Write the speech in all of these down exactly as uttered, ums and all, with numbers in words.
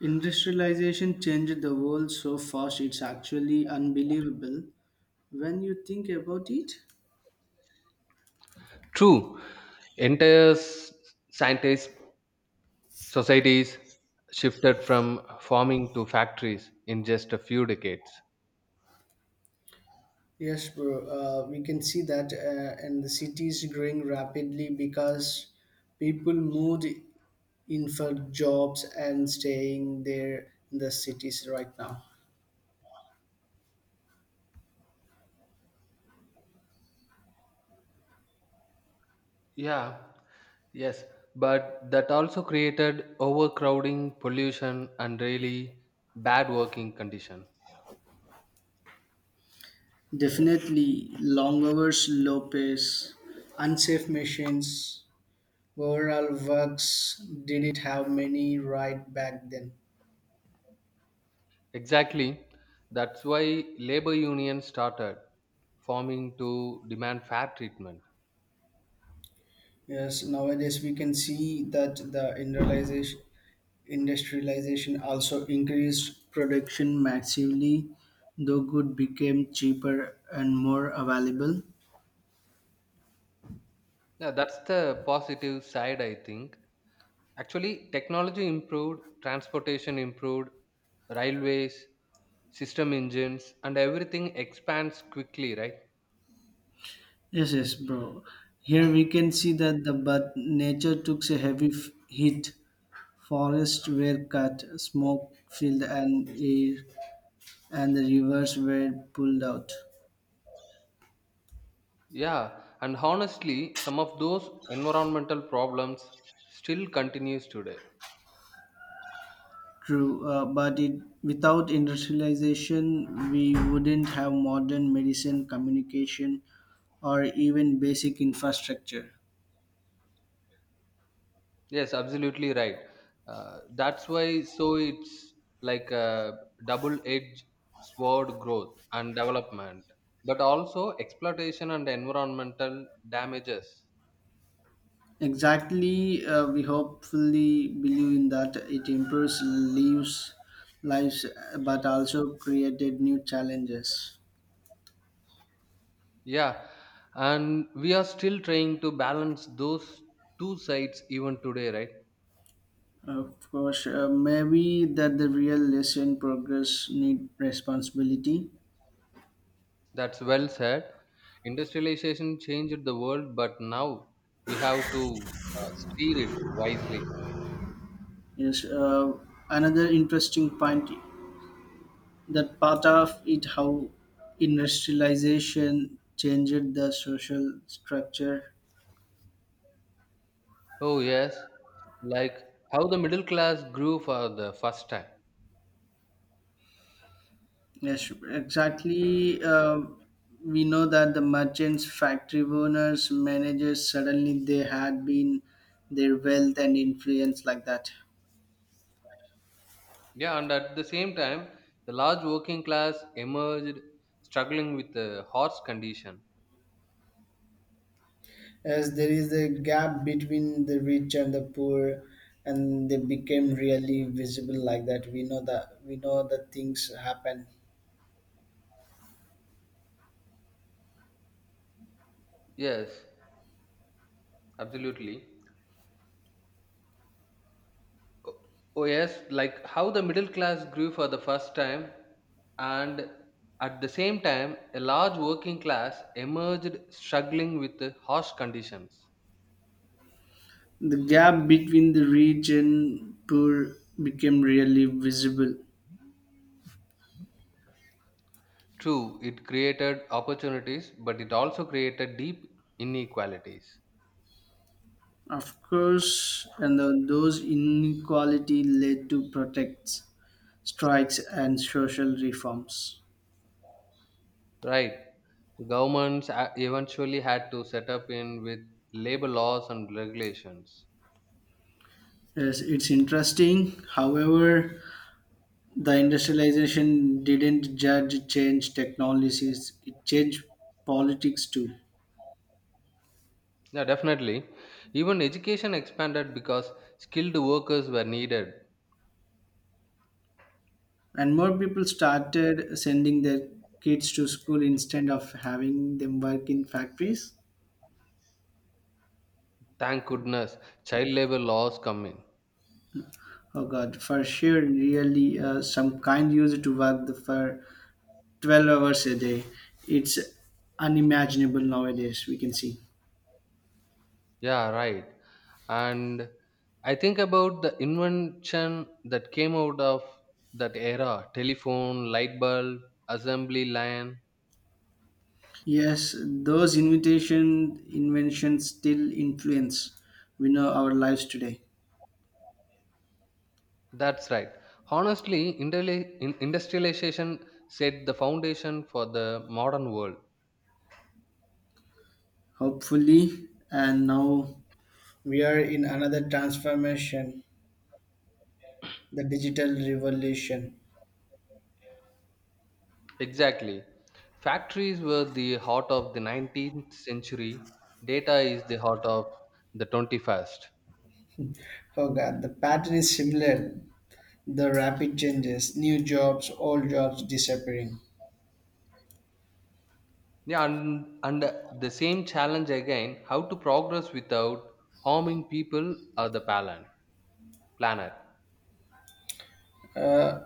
Industrialization changed the world so fast it's actually unbelievable when you think about it. True, entire s- scientist societies shifted from farming to factories in just a few decades. Yes, bro. Uh, we can see that, uh, and the cities growing rapidly because people moved in for jobs and staying there in the cities right now. Yeah, yes, but that also created overcrowding, pollution, and really bad working condition. Definitely, long hours, low pace, unsafe machines. Overall, works didn't have many right back then. Exactly. That's why labor unions started forming to demand fair treatment. Yes, nowadays we can see that the industrialization, industrialization also increased production massively, though good became cheaper and more available. Yeah, that's the positive side, I think. Actually, technology improved, transportation improved, railways, system engines, and everything expands quickly, right? Yes, yes, bro. Here we can see that the but nature took a heavy f- hit. Forests were cut, smoke filled, and air, and the rivers were pulled out. Yeah, and honestly, some of those environmental problems still continues today. True, uh, but it, without industrialization, we wouldn't have modern medicine, communication, or even basic infrastructure. Yes, absolutely right. Uh, that's why so it's like a double-edged sword growth and development, but also exploitation and environmental damages. Exactly, uh, we hopefully believe in that it improves lives, lives, uh, but also created new challenges. Yeah, and we are still trying to balance those two sides even today, right? Of course, uh, maybe that the real lesson progress need responsibility. That's well said. Industrialization changed the world, but now we have to uh, steer it wisely. Yes, uh, another interesting point that part of it, how industrialization changed the social structure. Oh, yes, like how the middle class grew for the first time. Yes, exactly. Uh, we know that the merchants, factory owners, managers suddenly they had been their wealth and influence like that. Yeah, and at the same time, the large working class emerged struggling with the horse condition. As there is a gap between the rich and the poor, and they became really visible like that. We know that we know that things happen. Yes, absolutely. Oh, oh yes, like how the middle class grew for the first time, and at the same time, a large working class emerged struggling with the harsh conditions. The gap between the rich and poor became really visible. True, it created opportunities, but it also created deep inequalities. Of course, and the- those inequality led to protests, strikes, and social reforms. Right. Governments a- eventually had to set up in with labor laws and regulations. Yes, it's interesting. However, the industrialization didn't just change technologies; it changed politics too. Yeah, definitely. Even education expanded because skilled workers were needed. And more people started sending their kids to school instead of having them work in factories. Thank goodness child labor laws come in. Oh God, for sure, really, uh, some kind used to work the for twelve hours a day. It's unimaginable nowadays, we can see. Yeah, right. And I think about the invention that came out of that era telephone, light bulb, assembly line. Yes, those invitation inventions still influence we know our lives today. That's right. Honestly, interla- in- industrialization set the foundation for the modern world. Hopefully, and now we are in another transformation, the digital revolution. Exactly. Factories were the heart of the nineteenth century, data is the heart of the twenty-first. Oh God, the pattern is similar. The rapid changes, new jobs, old jobs disappearing. Yeah, and, and the same challenge again how to progress without harming people or the planet. planet. uh,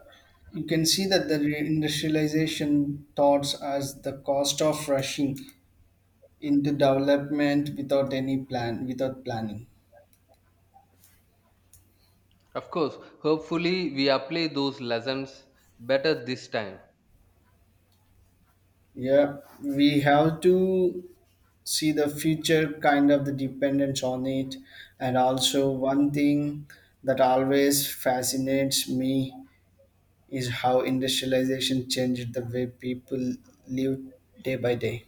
you can see that the industrialization thoughts as the cost of rushing into development without any plan without planning. Of course, hopefully, we apply those lessons better this time. Yeah, we have to see the future kind of the dependence on it, and also one thing that always fascinates me is how industrialization changed the way people live day by day.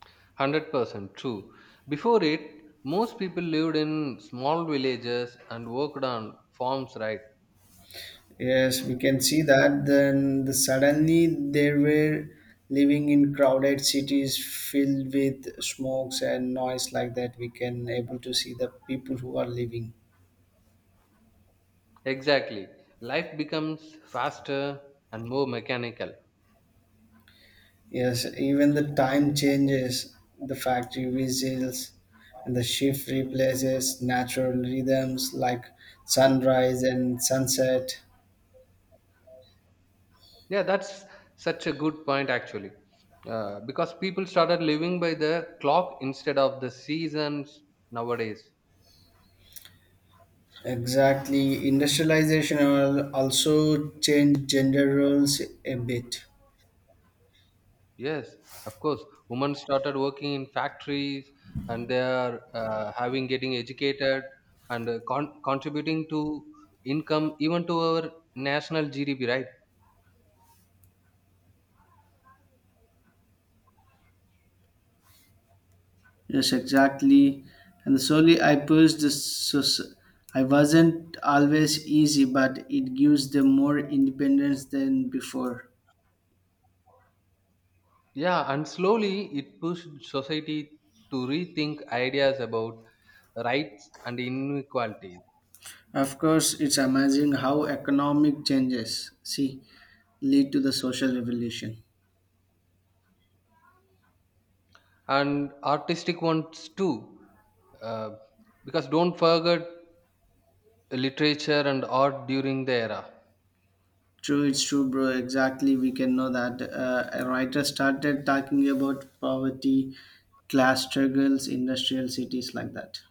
one hundred percent true. Before it, most people lived in small villages and worked on farms, right? Yes, we can see that then the, suddenly they were living in crowded cities filled with smokes and noise like that. We can able to see the people who are living. Exactly. Life becomes faster and more mechanical. Yes, even the time changes, the factory whistles and the shift replaces natural rhythms like sunrise and sunset. Yeah, that's such a good point, actually. Uh, because people started living by the clock instead of the seasons nowadays. Exactly, industrialization al- also changed gender roles a bit. Yes, of course. Women started working in factories and they are uh, having getting educated and uh, con- contributing to income, even to our national G D P, right? Yes, exactly. And slowly I pushed this. So so- I wasn't always easy, but it gives them more independence than before. Yeah, and slowly it pushed society to rethink ideas about rights and inequality. Of course, it's amazing how economic changes see lead to the social revolution. And artistic ones too, uh, because don't forget literature and art during the era. True, it's true, bro. Exactly, we can know that uh, a writer started talking about poverty, class struggles, industrial cities like that.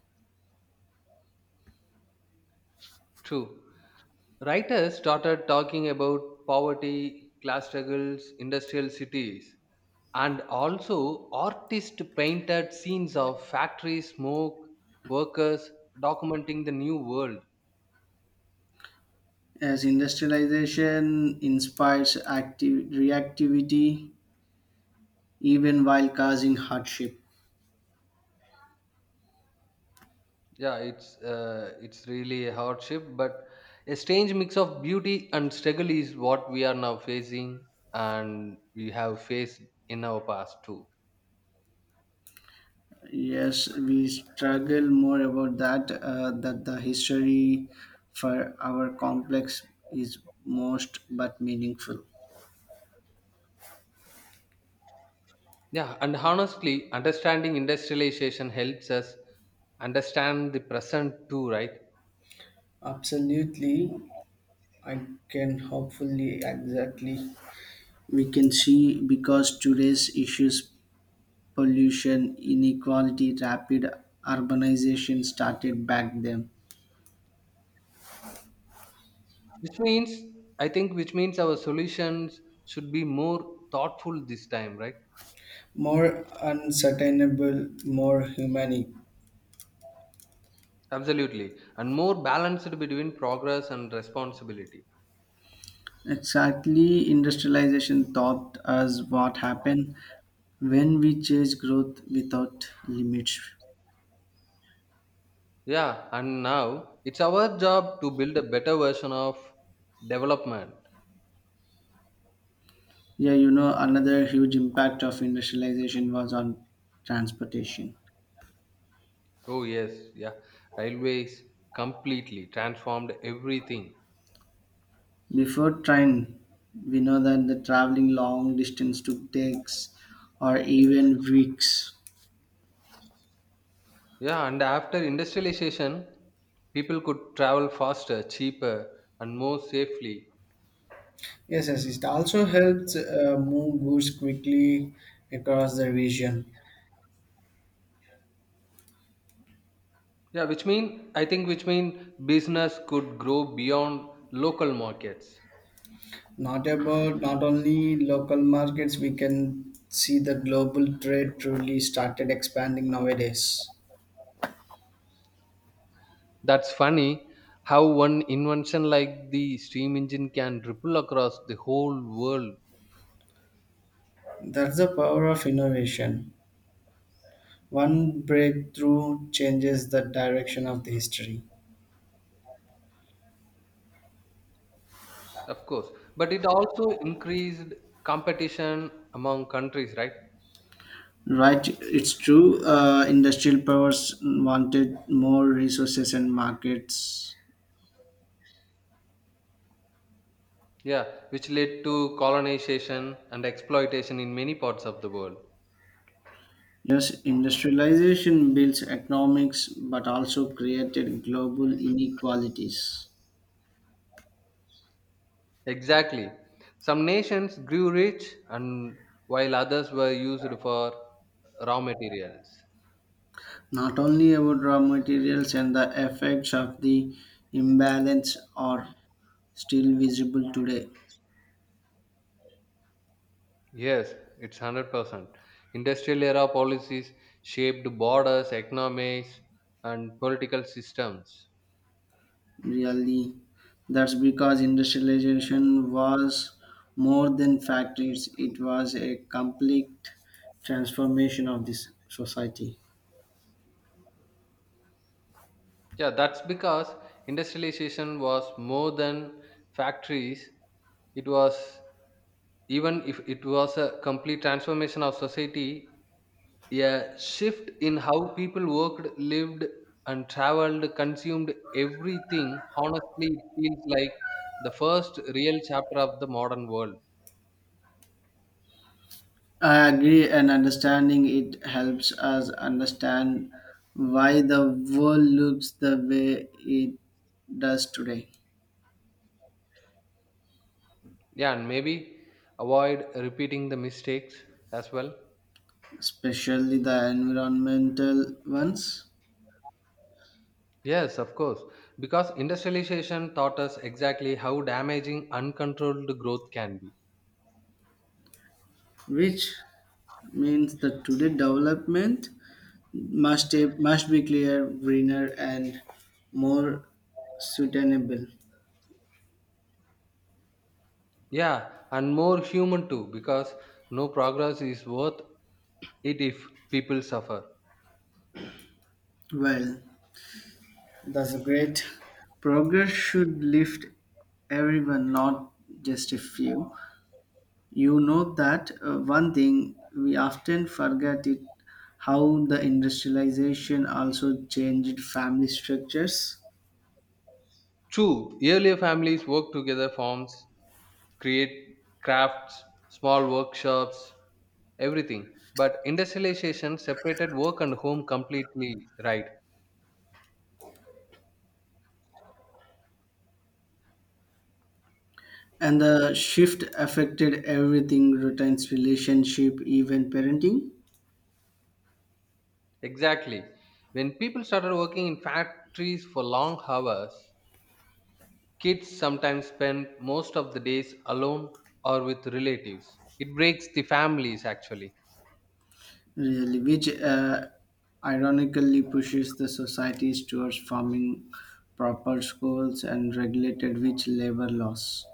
True, writers started talking about poverty, class struggles, industrial cities, and also artists painted scenes of factory smoke workers documenting the new world. As industrialization inspires active reactivity, even while causing hardship. Yeah, it's uh, it's really a hardship, but a strange mix of beauty and struggle is what we are now facing, and we have faced in our past too. Yes, we struggle more about that, uh, that the history for our complex is most but meaningful. Yeah, and honestly, understanding industrialization helps us understand the present too, right? Absolutely, I can hopefully exactly. We can see because today's issues, pollution, inequality, rapid urbanization started back then. Which means, I think, which means our solutions should be more thoughtful this time, right? More unsustainable, more humanic. Absolutely, and more balanced between progress and responsibility. Exactly, industrialization taught us what happened when we chase growth without limits. Yeah, and now it's our job to build a better version of development. Yeah, you know, another huge impact of industrialization was on transportation. Oh, yes, yeah. Railways completely transformed everything. Before train, we know that the traveling long distance took days or even weeks. Yeah, and after industrialization, people could travel faster, cheaper, and more safely. Yes, yes, it also helps uh, move goods quickly across the region. Yeah, which mean I think which mean business could grow beyond local markets. Not about not only local markets, we can see the global trade truly started expanding nowadays. That's funny how one invention like the steam engine can ripple across the whole world. That's the power of innovation. One breakthrough changes the direction of the history. Of course, but it also increased competition among countries, right? Right, it's true. Uh, industrial powers wanted more resources and markets. Yeah, which led to colonization and exploitation in many parts of the world. Yes, industrialization builds economics but also created global inequalities. Exactly. Some nations grew rich and while others were used for raw materials. Not only about raw materials, and the effects of the imbalance are still visible today. Yes, it's one hundred percent. Industrial era policies shaped borders, economies and political systems. Really, that's because industrialization was more than factories. It was a complete transformation of this society. Yeah, that's because industrialization was more than factories. It was even if it was a complete transformation of society, a shift in how people worked, lived, and traveled, consumed everything. Honestly, it feels like the first real chapter of the modern world. I agree, and understanding it helps us understand why the world looks the way it does today, Yeah, and maybe avoid repeating the mistakes as well. especially the environmental ones, Yes, of course. Because industrialization taught us exactly how damaging uncontrolled growth can be. which means that today development must must be clear, greener, and more sustainable. Yeah, and more human too, because no progress is worth it if people suffer. Well, that's a great. Progress should lift everyone, not just a few. You know that uh, one thing we often forget it how the industrialization also changed family structures, True, earlier families worked together, farms, create crafts, small workshops, everything. But industrialization separated work and home completely, right? and the shift affected everything, routines, relationship, even parenting. Exactly. When people started working in factories for long hours, kids sometimes spend most of the days alone or with relatives. It breaks the families actually. Really, which uh, ironically pushes the societies towards forming proper schools and regulated which labor laws.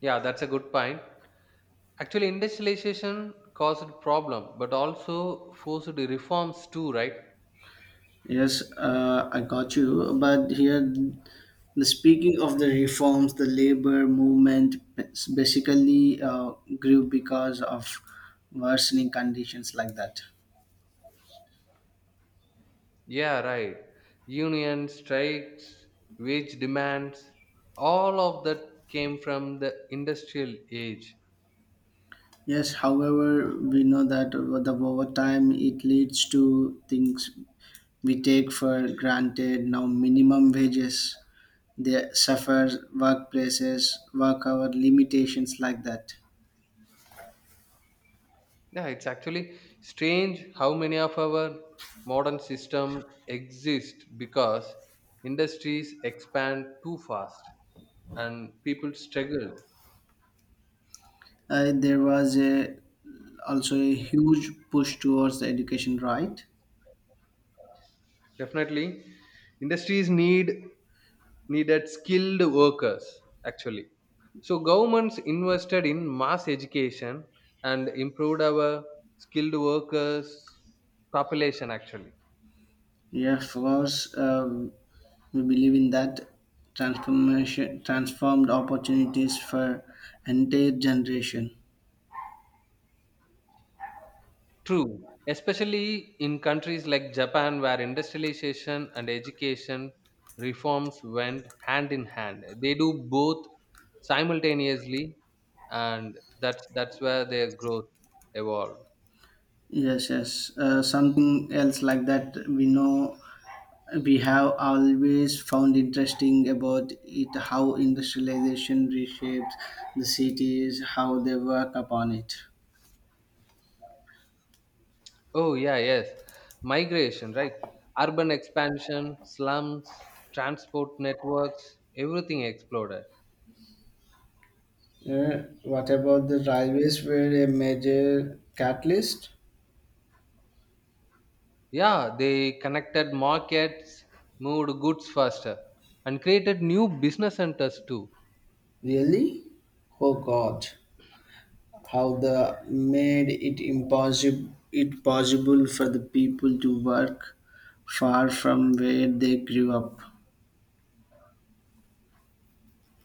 Yeah, that's a good point. Actually, industrialization caused problem, but also forced reforms too, right? Yes, uh, I got you. But here, the speaking of the reforms, the labor movement bas- basically uh, grew because of worsening conditions like that. Yeah, right. Union strikes, wage demands, all of that came from the industrial age. Yes, however, we know that over the over time it leads to things we take for granted now, minimum wages, they suffer workplaces, work hour limitations like that. Yeah, it's actually strange how many of our modern systems exist because industries expand too fast and people struggle. Uh, there was a also a huge push towards the education, right? Definitely, industries need needed skilled workers actually. So governments invested in mass education and improved our skilled workers population actually. Yeah, of course. Um, we believe in that transformation transformed opportunities for entire generation. True, especially in countries like Japan, where industrialization and education reforms went hand in hand. They do both simultaneously, and that's that's where their growth evolved. Yes, yes, uh, something else like that we know we have always found interesting about it how industrialization reshapes the cities, how they work upon it. Oh yeah, yes, migration, right? Urban expansion, slums, transport networks, everything exploded. Yeah, what about the railways were a major catalyst? Yeah, they connected markets, moved goods faster, and created new business centers too. Really? Oh God, how the made it impossible it possible for the people to work far from where they grew up.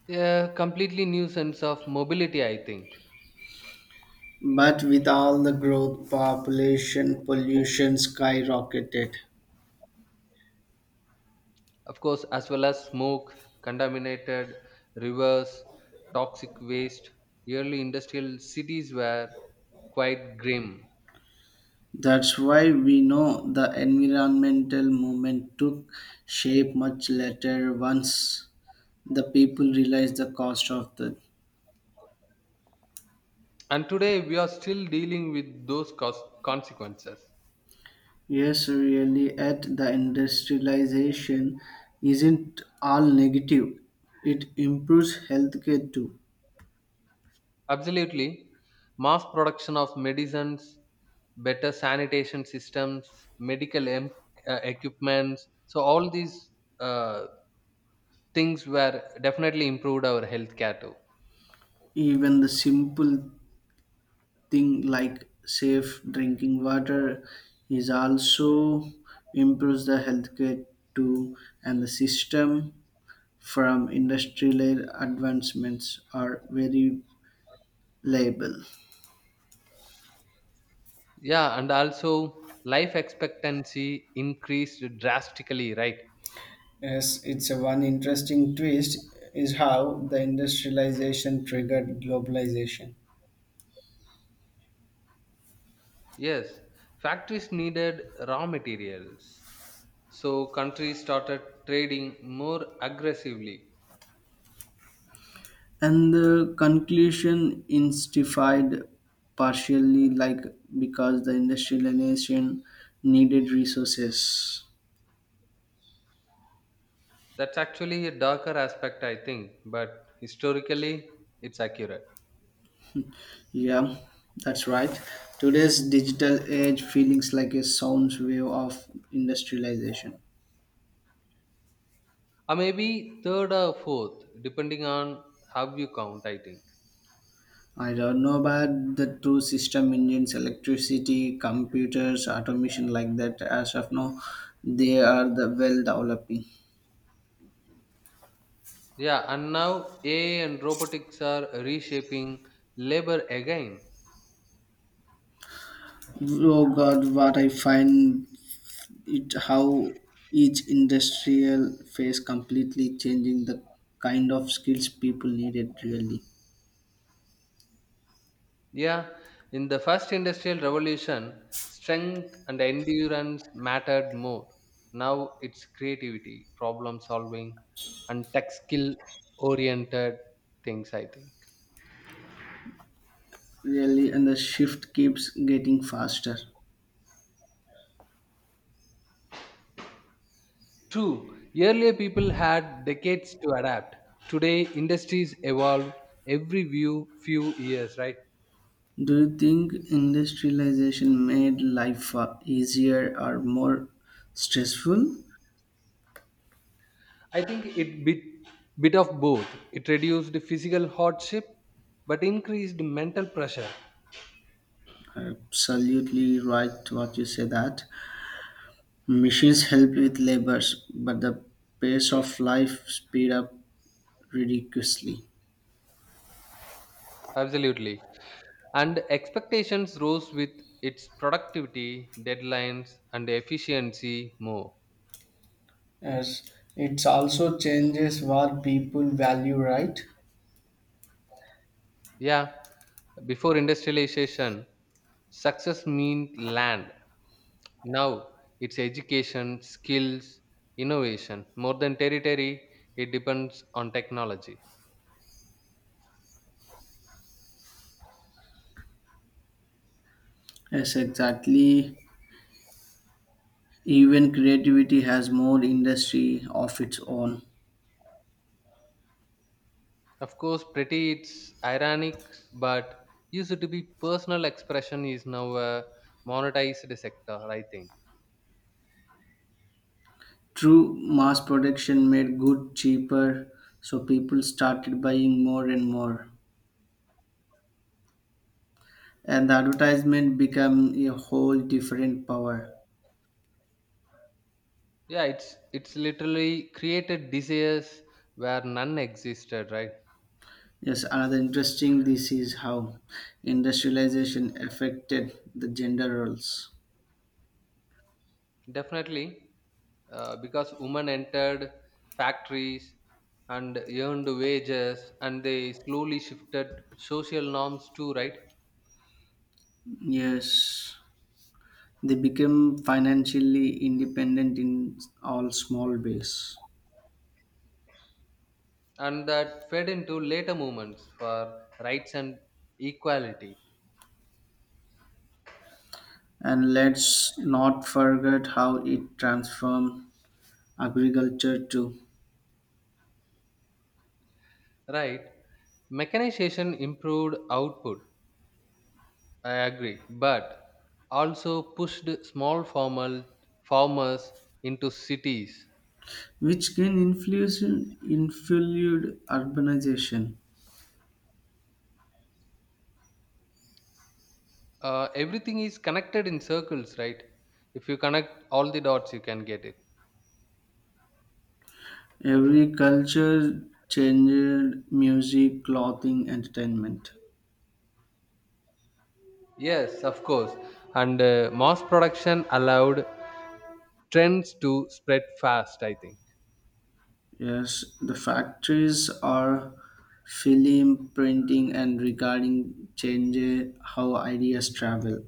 Yeah, completely new sense of mobility, I think. But with all the growth, population pollution skyrocketed. Of course, as well as smoke, contaminated rivers, toxic waste, early industrial cities were quite grim. That's why we know the environmental movement took shape much later once the people realized the cost of the. And today we are still dealing with those cos- consequences. Yes, really at the industrialization isn't all negative, it improves healthcare too. Absolutely. Mass production of medicines, better sanitation systems, medical em- uh, equipments. So, all these uh, things were definitely improved our healthcare too. Even the simple thing like safe drinking water is also improves the healthcare too, and the system from industrial advancements are very reliable. Yeah, and also life expectancy increased drastically, right? Yes, it's a one interesting twist is how the industrialization triggered globalization. Yes, factories needed raw materials, so countries started trading more aggressively. And the conclusion instified partially like because the industrialization needed resources. That's actually a darker aspect, I think, but historically it's accurate. Yeah, that's right. Today's digital age feelings like a sound wave of industrialization. Or maybe third or fourth depending on how you count, I think. I don't know about the two system engines, electricity, computers, automation like that. As of now, they are the well developing. Yeah, and now AI and robotics are reshaping labor again. Oh God, what I find it how each industrial phase completely changing the kind of skills people needed really. Yeah, in the first industrial revolution, strength and endurance mattered more. Now it's creativity, problem solving, and tech skill oriented things, I think. Really, and the shift keeps getting faster. True, earlier people had decades to adapt. Today, industries evolve every few, few years, right? Do you think industrialization made life uh, easier or more stressful? I think it bit, bit of both. It reduced physical hardship but increased mental pressure. Absolutely right what you say that machines help with labors, but the pace of life speed up ridiculously. Absolutely. And expectations rose with its productivity, deadlines, and efficiency more. Yes, it's also changes what people value, right? Yeah, before industrialization, success meant land. Now it's education, skills, innovation. More than territory, it depends on technology. Yes, exactly. Even creativity has more industry of its own. Of course, pretty it's ironic, but used to be personal expression is now a monetized sector, I think. True mass production made good cheaper, so people started buying more and more. And the advertisement became a whole different power. Yeah, it's it's literally created desires where none existed, right? Yes, another interesting this is how industrialization affected the gender roles. Definitely, uh, because women entered factories and earned wages and they slowly shifted social norms too, right? Yes, they became financially independent in all small ways. And that fed into later movements for rights and equality. And let's not forget how it transformed agriculture too, Right, mechanization improved output. I agree, but also pushed small formal farmers into cities. which can influence influence urbanization. Uh, everything is connected in circles, right? If you connect all the dots, you can get it. Every culture changed music, clothing, entertainment. Yes, of course. And uh, mass production allowed trends to spread fast, I think. Yes, the factories are film printing and regarding change how ideas travel.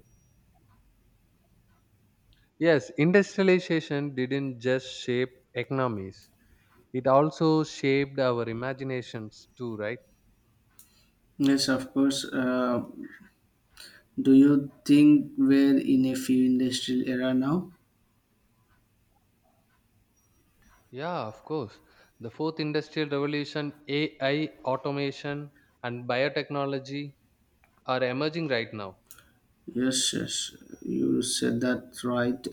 Yes, industrialization didn't just shape economies, it also shaped our imaginations too, right? Yes, of course. Uh, do you think we're in a film industrial era now? Yeah, of course. The fourth industrial revolution, A I, automation, and biotechnology are emerging right now. Yes, yes, you said that right,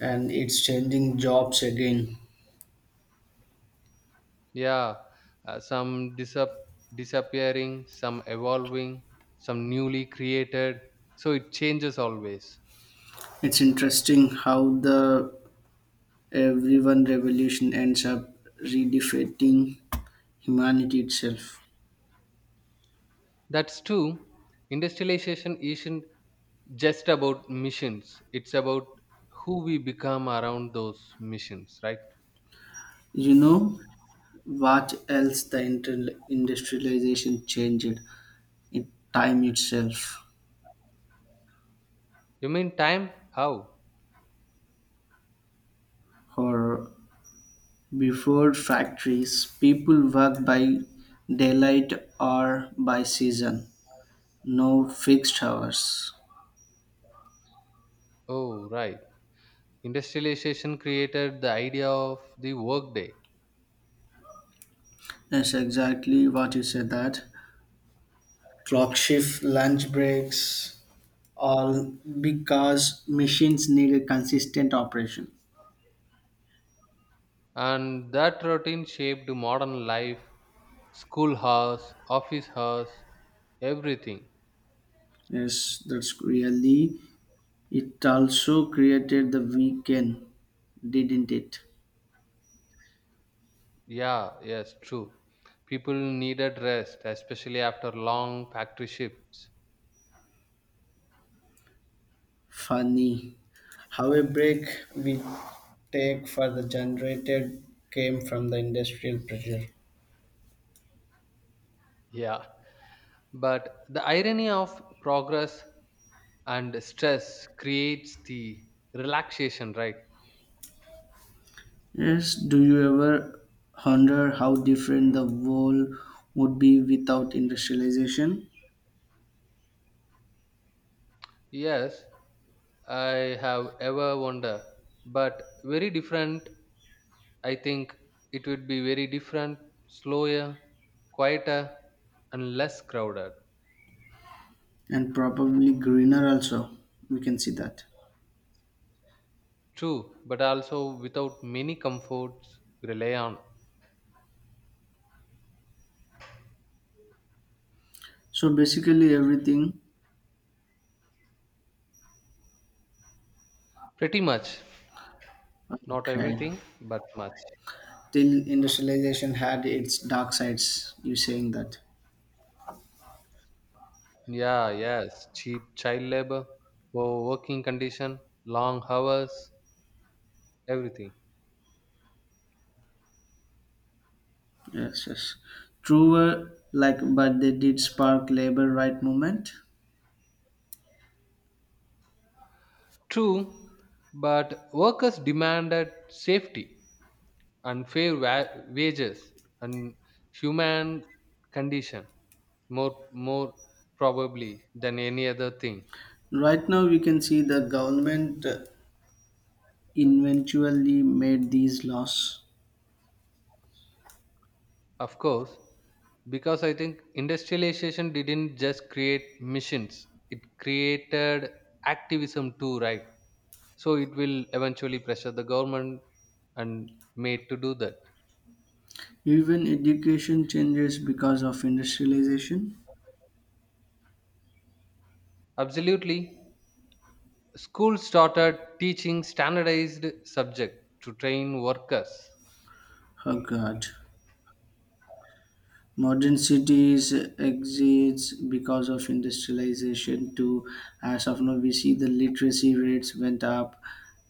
and it's changing jobs again. Yeah, uh, some disap- disappearing, some evolving, some newly created. So it changes always. It's interesting how the everyone revolution ends up redefining humanity itself. That's true. Industrialization isn't just about missions, it's about who we become around those missions, right? You know, what else the inter- industrialization changed in time itself? You mean time? How? Or before factories, people worked by daylight or by season, no fixed hours. Oh, right. Industrialization created the idea of the workday, That's exactly what you said that. Clock shift, lunch breaks, all because machines need a consistent operation. and that routine shaped modern life, school hours, office hours, everything. Yes, that's really it also created the weekend, didn't it? Yeah, yes, true. People needed rest, especially after long factory shifts. Funny how a break we take for the generated came from the industrial pressure. Yeah. But the irony of progress and stress creates the relaxation, right? Yes, do you ever wonder how different the world would be without industrialization? Yes, I have ever wondered, but very different. I think it would be very different, slower, quieter, and less crowded. And probably greener also. We can see that. True, but also without many comforts rely on. So basically everything, Pretty much, not okay. everything, but much. Till industrialization had its dark sides, you saying that. Yeah, yes, cheap child labor, poor working condition, long hours, everything. Yes, yes. Truer like but they did spark labor right movement. True, but workers demanded safety, unfair wa- wages and human condition more more probably than any other thing. Right now, we can see the government uh, eventually made these laws. Of course, because I think industrialization didn't just create missions, it created activism too, right? So it will eventually pressure the government and made to do that. Even education changes because of industrialization. Absolutely, schools started teaching standardized subject to train workers. Oh God. Modern cities exists because of industrialization too. As of now, we see the literacy rates went up.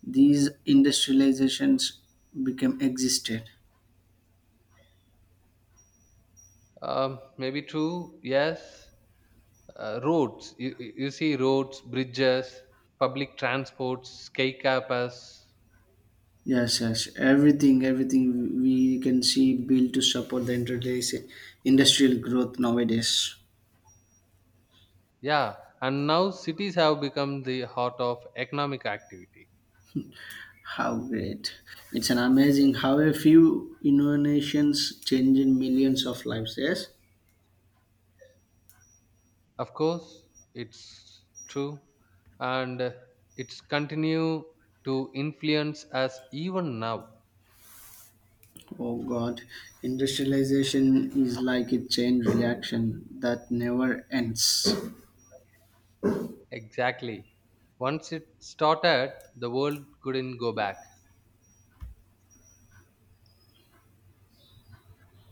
These industrializations became existed. Um, maybe true, yes. Uh, roads, you, you you see roads, bridges, public transports, skycapers. Yes, yes. Everything, everything we can see built to support the industrialis- industrial growth nowadays. Yeah, and now cities have become the heart of economic activity. How great. It's an amazing how a few innovations change in millions of lives, yes? Of course, it's true, and uh, it's continue to influence us even now. Oh God, industrialization is like a chain reaction that never ends. Exactly. Once it started, the world couldn't go back.